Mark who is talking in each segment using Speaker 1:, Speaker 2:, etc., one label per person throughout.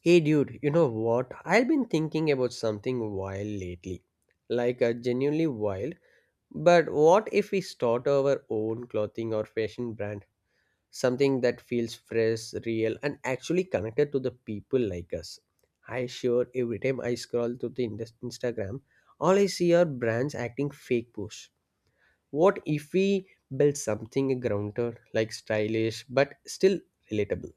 Speaker 1: Hey dude, you know what? I've been thinking about something wild lately. Genuinely wild. But what if we start our own clothing or fashion brand? Something that feels fresh, real, and actually connected to the people like us. I sure every time I scroll through the Instagram, all I see are brands acting fake push. What if we build something grounded, like stylish, but still relatable?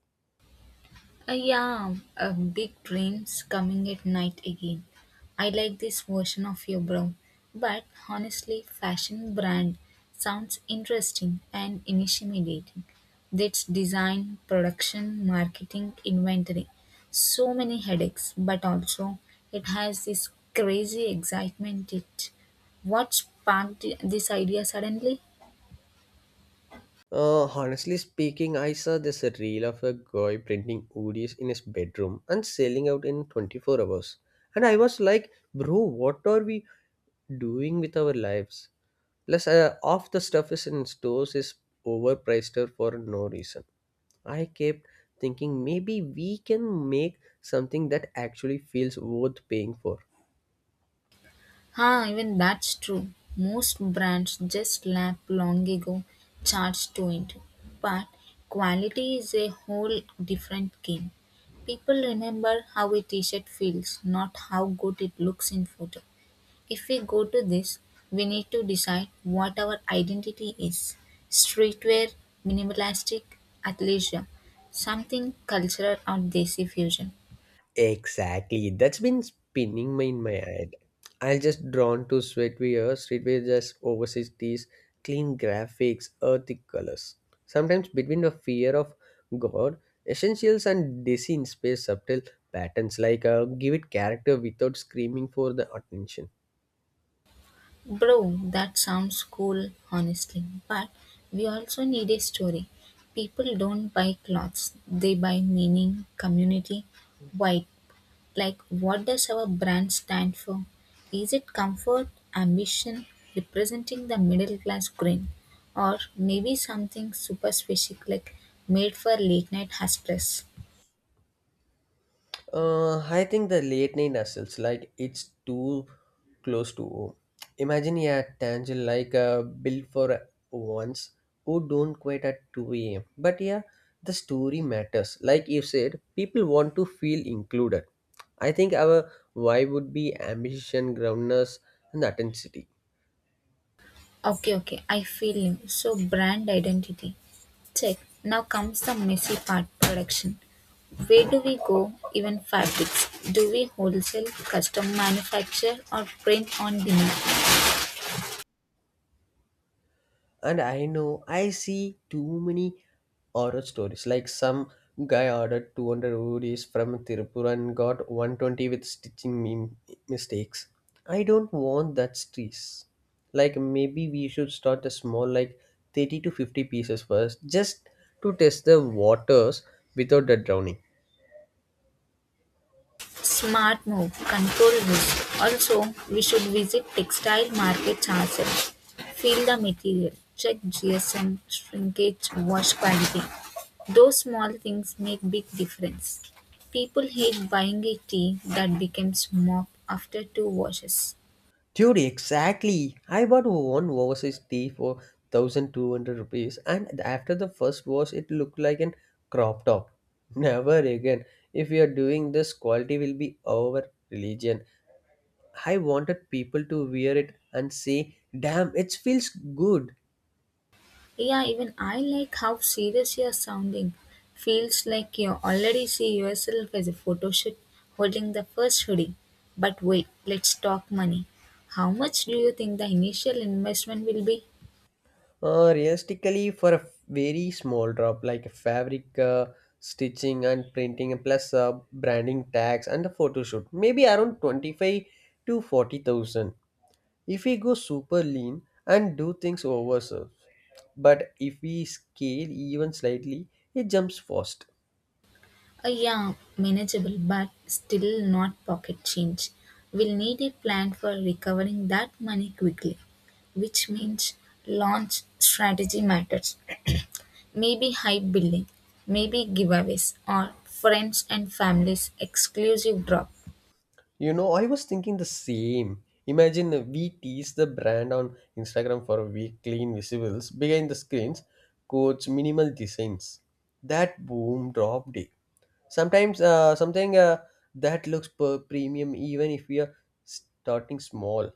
Speaker 2: Yeah, big dreams coming at night again. I like this version of your bro. But honestly, fashion brand sounds interesting and intimidating. That's design, production, marketing, inventory. So many headaches, but also it has this crazy excitement. It What sparked this idea suddenly?
Speaker 1: Honestly speaking, I saw this reel of a guy printing ODs in his bedroom and selling out in 24 hours. And I was like, bro, what are we doing with our lives? Half the stuff is in stores is overpriced out for no reason. I kept thinking maybe we can make something that actually feels worth paying for.
Speaker 2: Ah, even that's true. Most brands just lap long ago charge 220. But quality is a whole different game. People remember how a t-shirt feels, not how good it looks in photo. If we go to this, we need to decide what our identity is. Streetwear, minimalistic, athleisure, something cultural or desi fusion.
Speaker 1: Exactly. That's been spinning my in my head. I just drawn to streetwear. Streetwear just oversees these clean graphics, earthy colors. Sometimes between the fear of God, essentials and dizzy in space subtle patterns give it character without screaming for the attention.
Speaker 2: Bro, that sounds cool, honestly. But we also need a story. People don't buy clothes, they buy meaning, community. Why? Like, what does our brand stand for? Is it comfort, ambition, representing the middle class green? Or maybe something super specific like made for late night hustlers?
Speaker 1: I think the late night hustles, like it's too close to home. Imagine yeah, Tangent built for ones who don't quit at 2 a.m. But yeah, the story matters. Like you said, people want to feel included. I think our why would be ambition, groundness, and authenticity.
Speaker 2: Okay, okay, I feel you. So, brand identity. Check. Now comes the messy part production. Where do we go, even fabrics, do we wholesale, custom manufacture or print on demand?
Speaker 1: And I know I see too many horror stories. Like some guy ordered 200 rupees from Tirupur and got 120 with stitching meme mistakes. I don't want that stress. Like maybe we should start a small, like 30 to 50 pieces first, just to test the waters without the drowning.
Speaker 2: Smart move, control risk. Also, we should visit textile markets ourselves. Feel the material, check GSM, shrinkage, wash quality. Those small things make big difference. People hate buying a tea that becomes mop after two washes.
Speaker 1: Dude, exactly. I bought one overseas tea for 1,200 rupees, and after the first wash, it looked like an crop top. Never again. If we are doing this, quality will be our religion. I wanted people to wear it and say, damn, it feels good.
Speaker 2: Yeah, even I like how serious you're sounding. Feels like you already see yourself as a photo shoot holding the first hoodie. But wait, let's talk money. How much do you think the initial investment will be?
Speaker 1: Realistically, for a very small drop, like fabric, stitching and printing, and plus branding tags and the photo shoot, maybe around 25 to 40,000. If we go super lean and do things ourselves. But if we scale even slightly, it jumps fast.
Speaker 2: Yeah, manageable, but still not pocket change. We'll need a plan for recovering that money quickly, which means launch strategy matters. Maybe hype billing, maybe giveaways or friends and families exclusive drop.
Speaker 1: You know, I was thinking the same. Imagine we tease the brand on Instagram for a week, clean visuals, behind the screens, codes, minimal designs. That boom dropped it. Sometimes something that looks per premium even if we are starting small.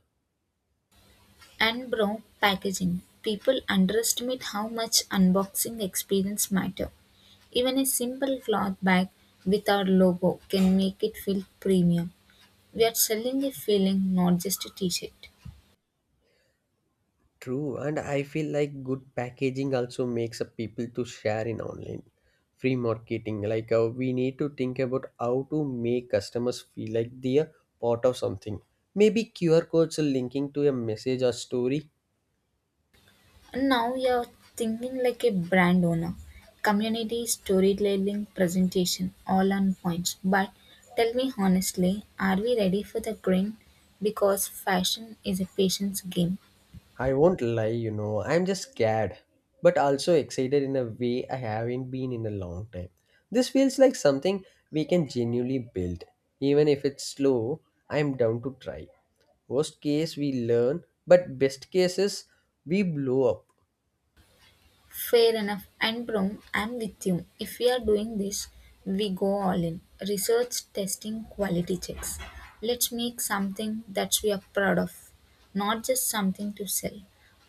Speaker 2: And bro, packaging. People underestimate how much unboxing experience matter. Even a simple cloth bag with our logo can make it feel premium. We are selling a feeling, not just a t-shirt.
Speaker 1: True, and I feel like good packaging also makes up people to share in online free marketing. We need to think about how to make customers feel like they are part of something. Maybe QR codes linking to a message or story.
Speaker 2: Now you're thinking like a brand owner. Community storytelling presentation, all on points. But tell me honestly, are we ready for the green? Because fashion is a patience game.
Speaker 1: I won't lie, you know, I'm just scared, but also excited in a way I haven't been in a long time. This feels like something we can genuinely build. Even if it's slow, I'm down to try. Worst case, we learn, but best case is we blow up.
Speaker 2: Fair enough. And bro, I'm with you. If we are doing this, we go all in. Research, testing, quality checks. Let's make something that we are proud of, not just something to sell.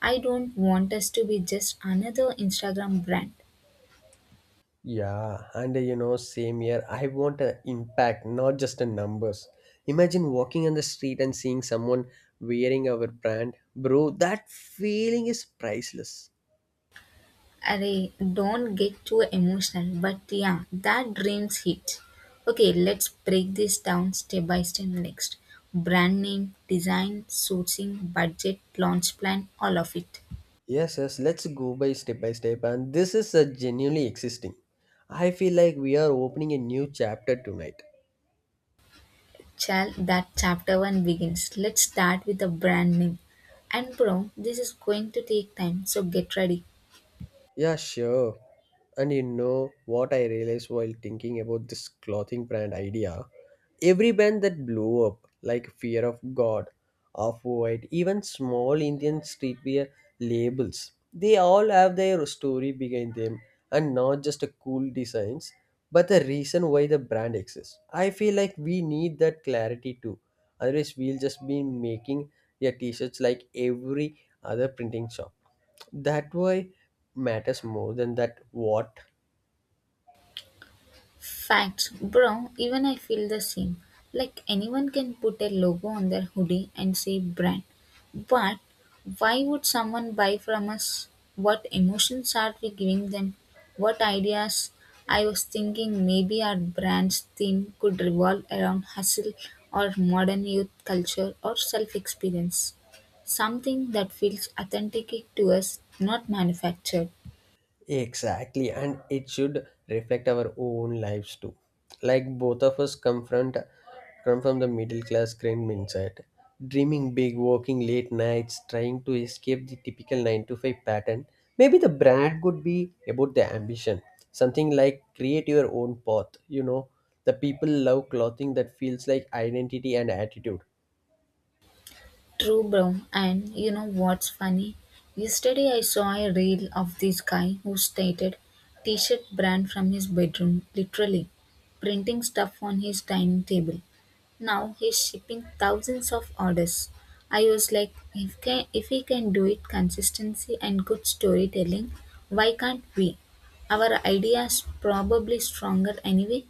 Speaker 2: I don't want us to be just another Instagram brand.
Speaker 1: Yeah, and you know, same here. I want an impact, not just the numbers. Imagine walking on the street and seeing someone wearing our brand. Bro, that feeling is priceless.
Speaker 2: Arey, don't get too emotional, but yeah, that dreams hit. Okay, let's break this down step by step next. Brand name, design, sourcing, budget, launch plan, all of it.
Speaker 1: Yes, yes, let's go by step by step. And this is a genuinely existing. I feel like we are opening a new chapter tonight.
Speaker 2: Chal, that chapter one begins. Let's start with the brand name. And bro, this is going to take time, so get ready.
Speaker 1: Yeah, sure. And you know what I realized while thinking about this clothing brand idea? Every brand that blew up, like Fear of God, Off White, even small Indian streetwear labels, they all have their story behind them and not just a cool designs, but the reason why the brand exists. I feel like we need that clarity too. Otherwise, we'll just be making yeah, t shirts like every other printing shop, that why matters more than that what.
Speaker 2: Facts, bro, even I feel the same. Like anyone can put a logo on their hoodie and say brand. But why would someone buy from us? What emotions are we giving them? What ideas? I was thinking maybe our brand's theme could revolve around hustle or modern youth culture or self experience. Something that feels authentic to us, not manufactured.
Speaker 1: Exactly, and it should reflect our own lives too, like both of us come from the middle class grand mindset, dreaming big, working late nights, trying to escape the typical 9 to 5 pattern. Maybe the brand could be about the ambition, something like create your own path, you know, the people love clothing that feels like identity and attitude.
Speaker 2: True, bro. And you know what's funny? Yesterday I saw a reel of this guy who stated t shirt brand from his bedroom, literally, printing stuff on his dining table. Now he's shipping thousands of orders. I was like, if he can do it consistency and good storytelling, why can't we? Our idea is probably stronger anyway.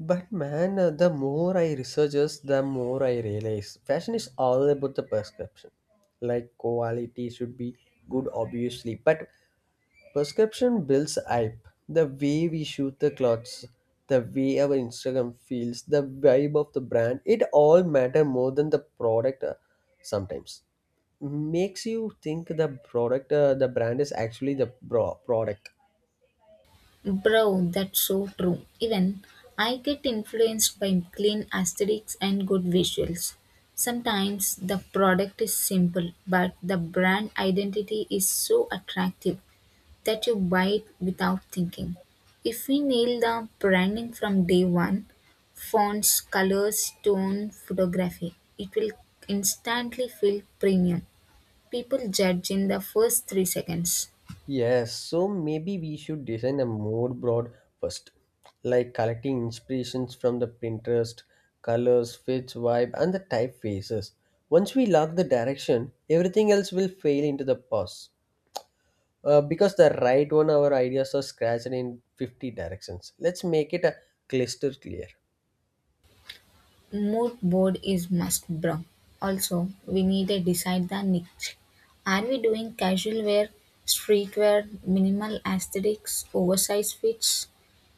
Speaker 1: But man, the more I researches, the more I realize fashion is all about the perception. Like quality should be good, obviously, but perception builds hype. The way we shoot the clothes, the way our Instagram feels, the vibe of the brand, it all matter more than the product. Sometimes makes you think the brand is actually the product.
Speaker 2: Bro, that's so true. Even I get influenced by clean aesthetics and good visuals. Sometimes the product is simple, but the brand identity is so attractive that you buy it without thinking. If we nail the branding from day one, fonts, colors, tone, photography, it will instantly feel premium. People judge in the first 3 seconds.
Speaker 1: Yes, so maybe we should design a more broad first, like collecting inspirations from the Pinterest, colors, fits, vibe, and the typefaces. Once we lock the direction, everything else will fail into the pause. Because the right one, our ideas are scratched in 50 directions. Let's make it a cluster clear.
Speaker 2: Mood board is must bro. Also, we need to decide the niche. Are we doing casual wear, streetwear, minimal aesthetics, oversized fits?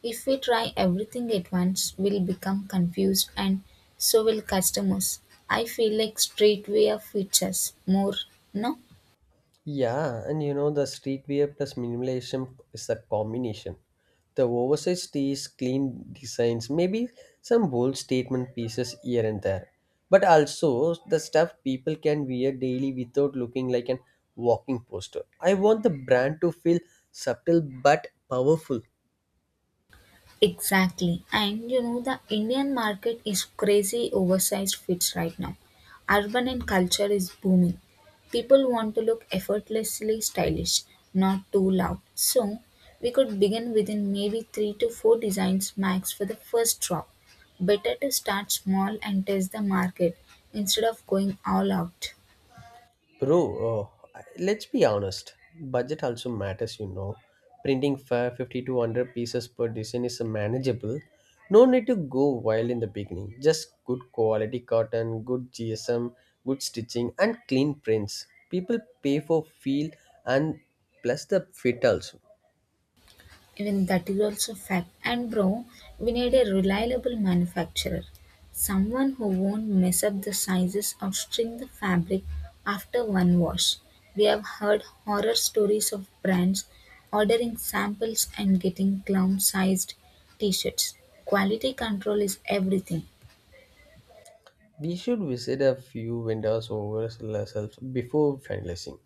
Speaker 2: If we try everything at once, we'll become confused and so will customers. I feel like streetwear fits us more, no?
Speaker 1: Yeah, and you know the streetwear plus minimalism is a combination. The oversized tees, clean designs, maybe some bold statement pieces here and there. But also the stuff people can wear daily without looking like an walking poster. I want the brand to feel subtle but powerful.
Speaker 2: Exactly. And you know, the Indian market is crazy oversized fits right now. Urban and culture is booming. People want to look effortlessly stylish, not too loud. So, we could begin within maybe 3 to 4 designs max for the first drop. Better to start small and test the market instead of going all out.
Speaker 1: Bro, oh, let's be honest. Budget also matters, you know. Printing 50 to 100 pieces per design is manageable. No need to go wild in the beginning. Just good quality cotton, good GSM, good stitching, and clean prints. People pay for feel and plus the fit also.
Speaker 2: Even that is also fact. And bro, we need a reliable manufacturer. Someone who won't mess up the sizes or string the fabric after one wash. We have heard horror stories of brands ordering samples and getting clown sized t shirts. Quality control is everything.
Speaker 1: We should visit a few vendors over ourselves before finalizing.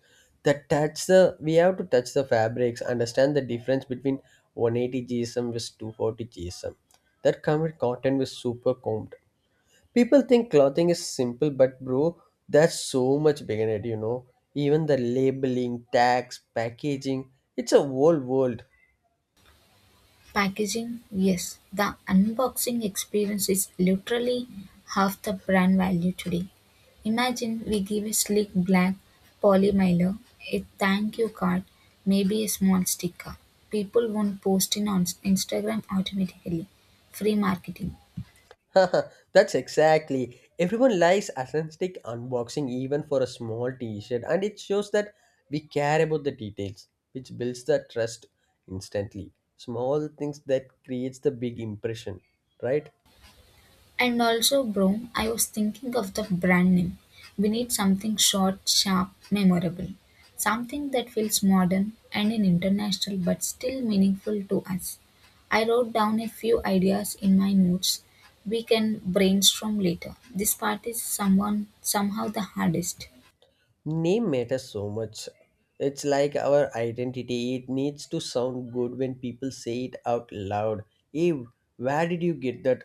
Speaker 1: The touch the We have to touch the fabrics, understand the difference between 180 GSM with 240 GSM. That common cotton was super combed. People think clothing is simple, but bro, that's so much bigger, than it, you know. Even the labeling, tags, packaging, it's a whole world.
Speaker 2: Packaging, yes, the unboxing experience is literally half the brand value today. Imagine we give a sleek black polymiler, a thank you card, maybe a small sticker. People won't post it on Instagram automatically. Free marketing.
Speaker 1: That's exactly. Everyone likes authentic unboxing even for a small t-shirt and it shows that we care about the details which builds the trust instantly. Small things that creates the big impression, right?
Speaker 2: And also, bro, I was thinking of the brand name. We need something short, sharp, memorable. Something that feels modern and an international but still meaningful to us. I wrote down a few ideas in my notes. We can brainstorm later. This part is someone somehow the hardest.
Speaker 1: Name matters so much. It's like our identity. It needs to sound good when people say it out loud. Hey, where did you get that?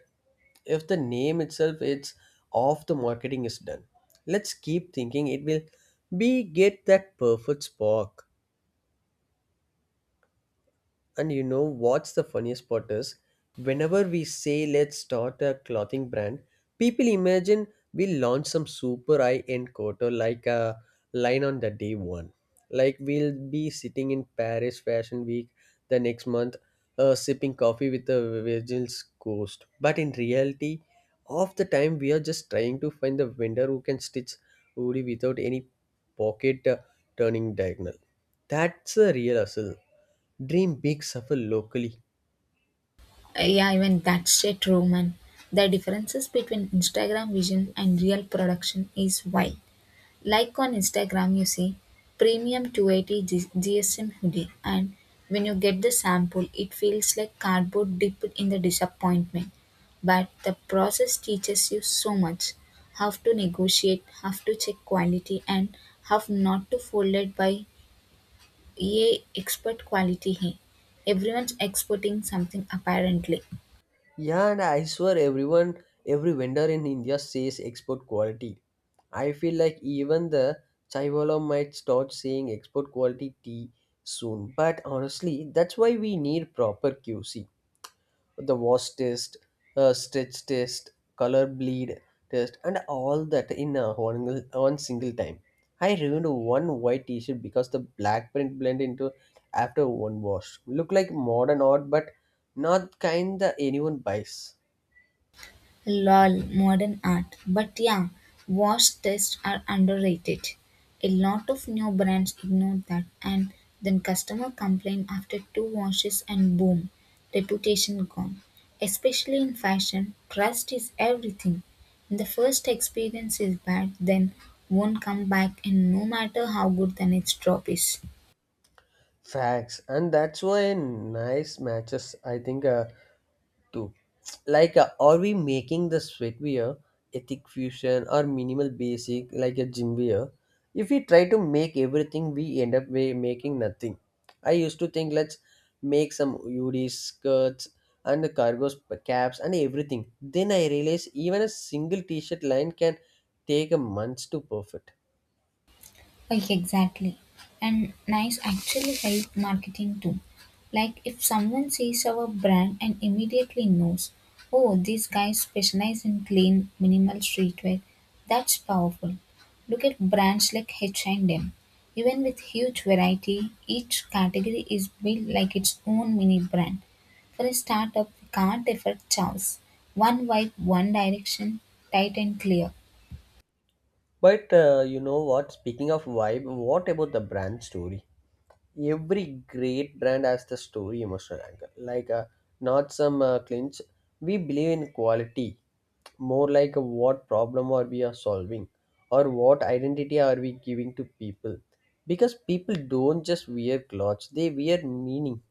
Speaker 1: If the name itself it's off, the marketing is done. Let's keep thinking, it will be get that perfect spark. And you know what's the funniest part is? Whenever we say let's start a clothing brand, people imagine we launch some super high end coat like a line on the day one. Like we'll be sitting in Paris Fashion Week the next month, sipping coffee with the Virgil's Coast. But in reality, half the time we are just trying to find the vendor who can stitch hoodie without any pocket turning diagonal. That's a real hustle. Dream big, suffer locally.
Speaker 2: Yeah, even that's a true man. The differences between Instagram vision and real production is wild. Like on Instagram, you see premium 280 GSM hoodie, and when you get the sample, it feels like cardboard dipped in the disappointment. But the process teaches you so much how to negotiate, how to check quality, and how not to fold it by a expert quality. Hey, everyone's exporting something apparently.
Speaker 1: Yeah, and I swear everyone, every vendor in India says export quality. I feel like even the Chaiwala might start saying export quality tea soon. But honestly, that's why we need proper QC. The wash test, stretch test, color bleed test, and all that in a one single time. I ruined one white t-shirt because the black print blend into after one wash. Look like modern art, but not kind that anyone buys.
Speaker 2: Lol, modern art. But yeah, wash tests are underrated. A lot of new brands ignore that and then customer complain after two washes and boom, reputation gone. Especially in fashion, trust is everything. When the first experience is bad, then won't come back and no matter how good the next drop is.
Speaker 1: Facts, and that's why nice matches. I think too. Are we making the sweat wear ethic fusion or minimal basic like a gym wear? If we try to make everything, we end up making nothing. I used to think let's make some UD skirts and the cargo caps and everything. Then I realized even a single t-shirt line can take a month to perfect.
Speaker 2: Like exactly. And nice actually help marketing too. Like if someone sees our brand and immediately knows, oh, these guys specialize in clean, minimal streetwear, that's powerful. Look at brands like H&M. Even with huge variety, each category is built like its own mini brand. For a startup, we can't afford chaos. One vibe, one direction, tight and clear.
Speaker 1: But you know what? Speaking of vibe, what about the brand story? Every great brand has the story emotional angle. Like, not some clinch. We believe in quality, more like what problem are we are solving, or what identity are we giving to people. Because people don't just wear clothes; they wear meaning.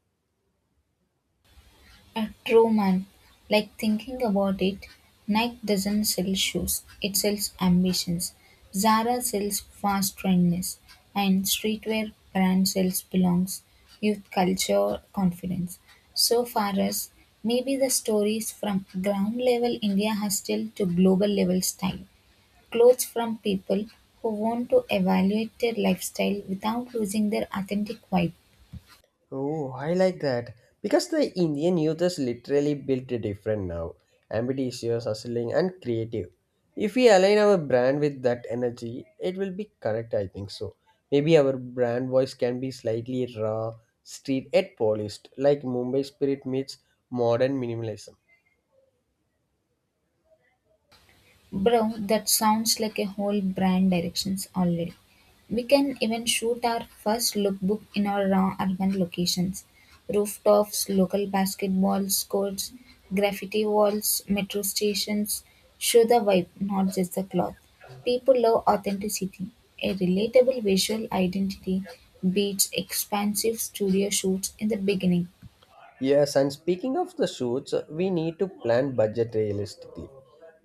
Speaker 2: A true man. Like thinking about it, Nike doesn't sell shoes, it sells ambitions. Zara sells fast trendness, and streetwear brand sells belongs, youth culture, confidence. So far as maybe the stories from ground level India hustle to global level style, clothes from people who want to evaluate their lifestyle without losing their authentic vibe.
Speaker 1: Oh, I like that. Because the Indian youth is literally built different now, ambitious, hustling, and creative. If we align our brand with that energy, it will be correct, I think so. Maybe our brand voice can be slightly raw, street yet polished, like Mumbai spirit meets modern minimalism.
Speaker 2: Bro, that sounds like a whole brand directions already. We can even shoot our first lookbook in our raw urban locations. Rooftops, local basketball courts, graffiti walls, metro stations. Show the vibe, not just the cloth. People love authenticity. A relatable visual identity beats expansive studio shoots in the beginning.
Speaker 1: Yes, and speaking of the shoots, we need to plan budget realistically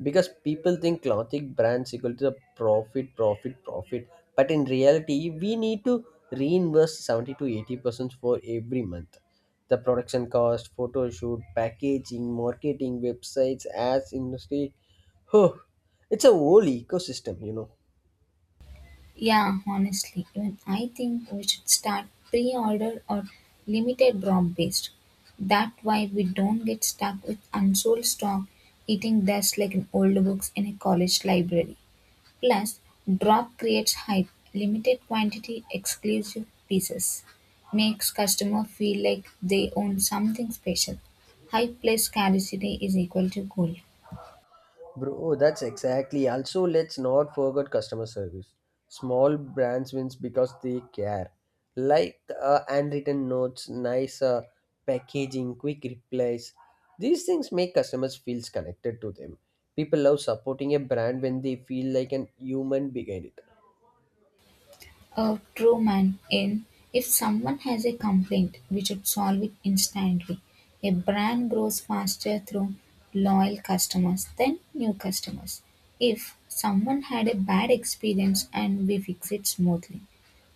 Speaker 1: because people think clothing brands equal to the profit. But in reality, we need to reinvest 70 to 80% for every month. The production cost, photo shoot, packaging, marketing, websites, ads, industry. Oh, it's a whole ecosystem, you know.
Speaker 2: Yeah, honestly, even I think we should start pre order or limited drop based. That way we don't get stuck with unsold stock eating dust like in old books in a college library. Plus, drop creates hype, limited quantity, exclusive pieces. Makes customer feel like they own something special. Hype plus scarcity is equal to gold.
Speaker 1: Bro, oh, that's exactly. Also, let's not forget customer service. Small brands wins because they care. Handwritten notes, nice packaging, quick replies. These things make customers feels connected to them. People love supporting a brand when they feel like an human behind it.
Speaker 2: A true man in If someone has a complaint, we should solve it instantly. A brand grows faster through loyal customers than new customers. If someone had a bad experience and we fix it smoothly,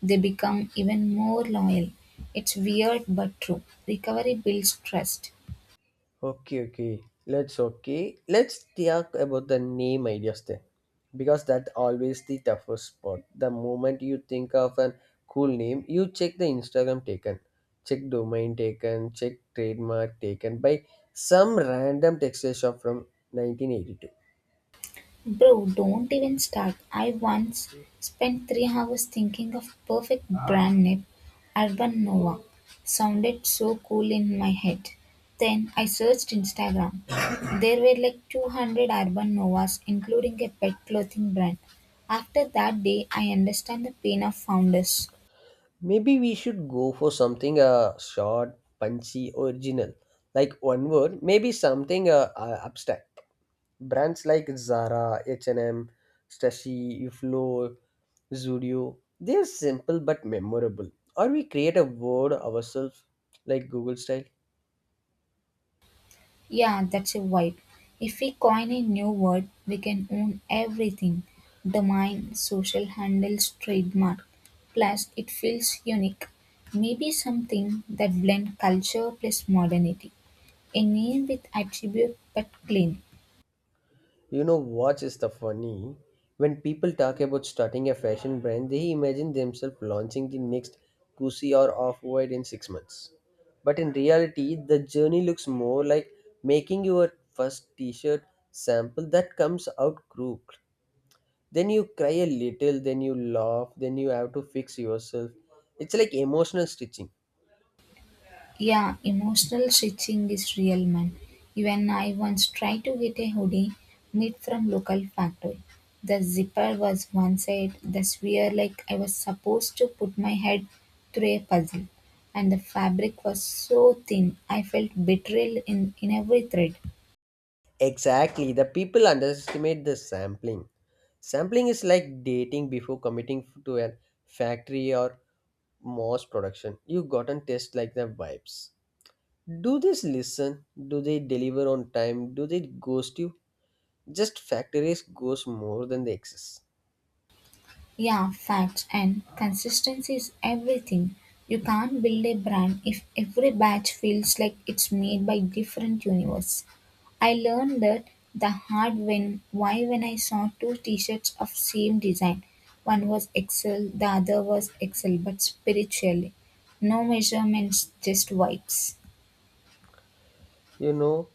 Speaker 2: they become even more loyal. It's weird but true. Recovery builds trust.
Speaker 1: Okay, okay. Let's talk about the name ideas then, because that always the toughest part. The moment you think of a cool name, you check the Instagram taken, check domain taken, check trademark taken by some random texture shop from 1982.
Speaker 2: Bro, don't even start. I once spent 3 hours thinking of perfect brand name, Urban Nova. Sounded so cool in my head. Then I searched Instagram. There were like 200 Urban Novas, including a pet clothing brand. After that day, I understand the pain of founders.
Speaker 1: Maybe we should go for something short, punchy, original, like one word. Maybe something abstract. Brands like Zara, H&M, Stacy, Uflo, Zudio, they're simple but memorable, or we create a word ourselves, like Google style.
Speaker 2: Yeah, that's a vibe. If we coin a new word, we can own everything domain, social handles, trademark. Plus, it feels unique. Maybe something that blends culture plus modernity. A name with attribute but clean.
Speaker 1: You know what is the funny, when people talk about starting a fashion brand, they imagine themselves launching the next Gucci or Off-White in 6 months, but in reality the journey looks more like making your first t-shirt sample that comes out crooked, then you cry a little, then you laugh, then you have to fix yourself. It's like emotional stitching.
Speaker 2: Yeah, emotional stitching is real, man. Even I once tried to get a hoodie made from local factory. The zipper was one side, the sphere like I was supposed to put my head through a puzzle. And the fabric was so thin, I felt betrayal in every thread.
Speaker 1: Exactly, the people underestimate the sampling. Sampling is like dating before committing to a factory or mass production. You gotten test like the vibes. Do this, listen, do they deliver on time, do they ghost you? Just factories ghost more than they exist.
Speaker 2: Yeah, facts and consistency is everything. You can't build a brand if every batch feels like it's made by different universe. I learned that the hard when I saw two t-shirts of same design. One was Excel, the other was Excel but spiritually. No measurements, just vibes.
Speaker 1: You know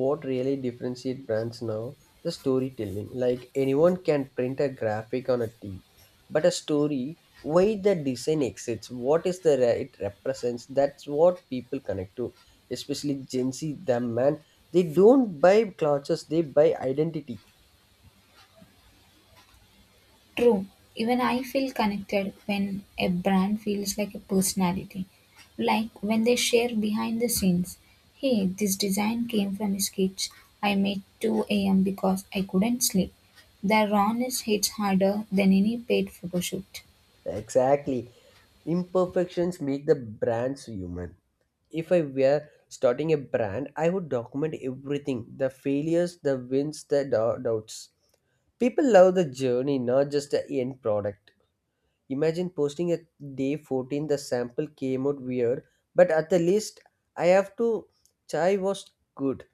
Speaker 1: what really differentiate brands now, the storytelling. Like anyone can print a graphic on a tee, but a story, why the design exists, what is the it represents, that's what people connect to, especially gen z them, man. They don't buy clothes, they buy identity.
Speaker 2: True, even I feel connected when a brand feels like a personality. Like when they share behind the scenes. Hey, this design came from a sketch I made 2 a.m. because I couldn't sleep. The rawness hits harder than any paid photo shoot.
Speaker 1: Exactly, imperfections make the brands human. If I were starting a brand, I would document everything, the failures, the wins, the doubts. People love the journey, not just the end product. Imagine posting a day 14, the sample came out weird, but at the least, I have to, chai was good.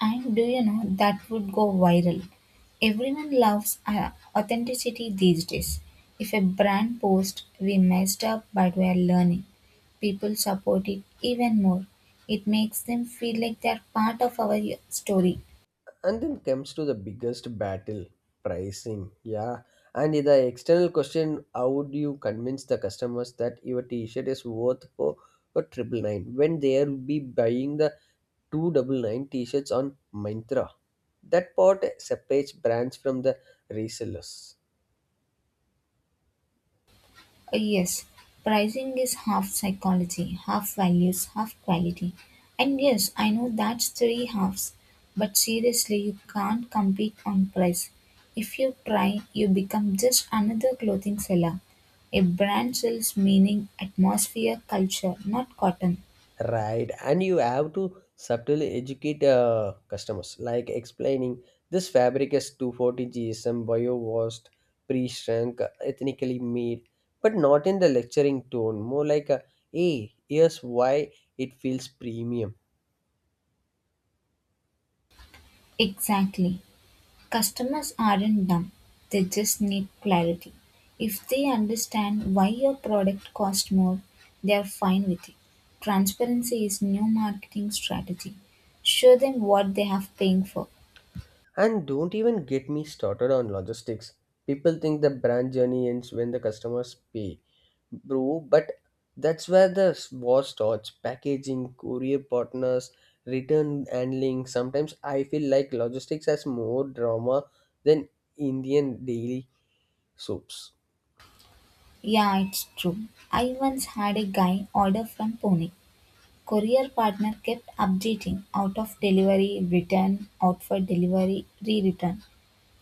Speaker 2: And do you know that would go viral? Everyone loves authenticity these days. If a brand posts, we messed up but we are learning, people support it even more. It makes them feel like they are part of our story.
Speaker 1: And then comes to the biggest battle, pricing. Yeah. And the external question, how would you convince the customers that your t shirt is worth for 999, when they'll be buying the 299 t shirts on Myntra? That part separates brands from the resellers.
Speaker 2: Yes, pricing is half psychology, half values, half quality. And yes, I know that's three halves, but seriously, you can't compete on price. If you try, you become just another clothing seller. A brand sells meaning, atmosphere, culture, not cotton.
Speaker 1: Right, and you have to subtly educate customers, like explaining this fabric is 240 GSM, bio-washed, pre-shrunk, ethnically made, but not in the lecturing tone, more like a, hey, here's why it feels premium.
Speaker 2: Exactly. Customers aren't dumb, they just need clarity. If they understand why your product costs more, they are fine with it. Transparency is new marketing strategy. Show them what they have paying for.
Speaker 1: And don't even get me started on logistics. People think the brand journey ends when the customers pay. Bro, but that's where the war starts. Packaging, courier partners, return handling. Sometimes I feel like logistics has more drama than Indian daily soaps.
Speaker 2: Yeah, it's true. I once had a guy order from Pune. Courier partner kept updating out of delivery, return, out for delivery, re-return.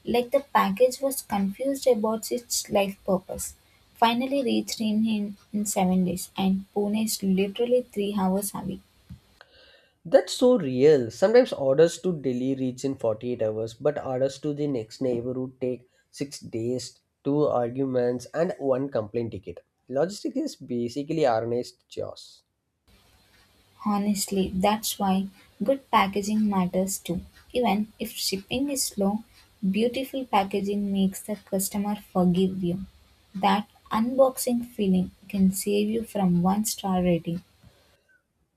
Speaker 2: Like the package was confused about its life purpose. Finally reached in 7 days and Pune is literally 3 hours away.
Speaker 1: That's so real. Sometimes orders to Delhi reach in 48 hours, but orders to the next neighborhood take 6 days, 2 arguments, and 1 complaint ticket. Logistics is basically organized chaos.
Speaker 2: Honestly, that's why good packaging matters too. Even if shipping is slow, beautiful packaging makes the customer forgive you. That unboxing feeling can save you from one star rating.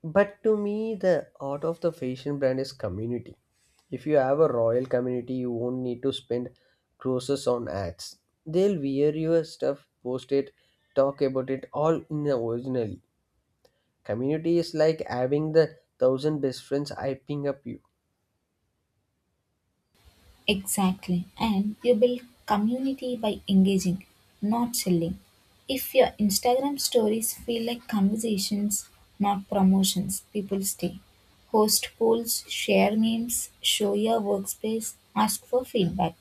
Speaker 1: But to me, the art of the fashion brand is community. If you have a royal community, you won't need to spend crores on ads. They'll wear your stuff, post it, talk about it all in the originally. Community is like having the thousand best friends hyping up you.
Speaker 2: Exactly. And you build community by engaging, not selling. If your Instagram stories feel like conversations, not promotions, people stay. Host polls, share memes, show your workspace, ask for feedback.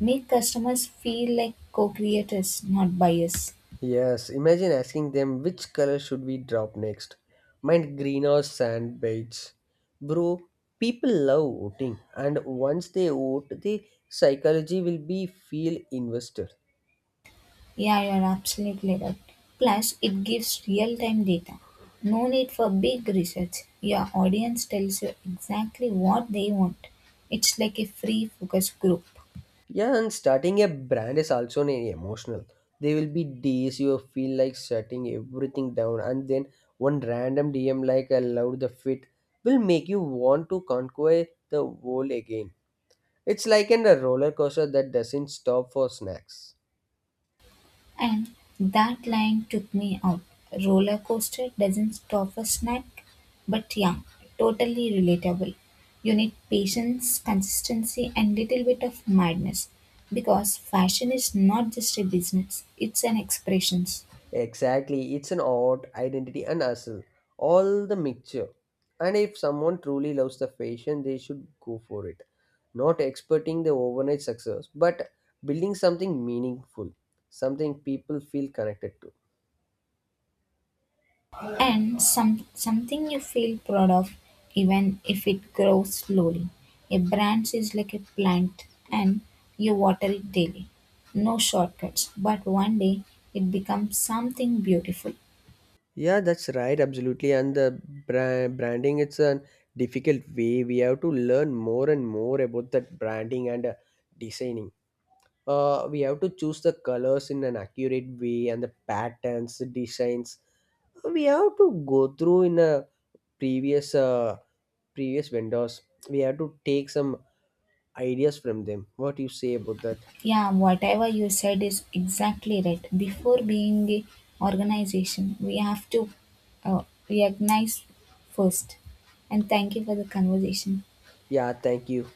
Speaker 2: Make customers feel like co creators, not buyers.
Speaker 1: Yes, imagine asking them, which color should we drop next, mind green or sand beige? Bro, people love voting, and once they vote the psychology will be feel invested.
Speaker 2: Yeah, you're absolutely right. Plus, it gives real time data. No need for big research. Your audience tells you exactly what they want. It's like a free focus group.
Speaker 1: Yeah, and starting a brand is also an emotional. There will be days you feel like shutting everything down, and then one random DM like I love the fit will make you want to conquer the world again. It's like in a roller coaster that doesn't stop for snacks.
Speaker 2: And that line took me out. Roller coaster doesn't stop for snack, but yeah, totally relatable. You need patience, consistency, and little bit of madness because fashion is not just a business, it's an expressions.
Speaker 1: Exactly, it's an art, identity, and hustle, all the mixture. And if someone truly loves the fashion, they should go for it. Not expecting the overnight success, but building something meaningful, something people feel connected to.
Speaker 2: And something you feel proud of even if it grows slowly. A branch is like a plant and you water it daily. No shortcuts, but one day it becomes something beautiful.
Speaker 1: Yeah, that's right, absolutely. And the branding, it's a difficult way. We have to learn more and more about that branding and designing. We have to choose the colors in an accurate way, and the patterns, the designs, we have to go through in a previous previous vendors, we have to take some ideas from them. What do you say about that?
Speaker 2: Yeah, whatever you said is exactly right. Before being a organization, we have to uh, recognize first. And thank you for the conversation.
Speaker 1: Yeah, thank you.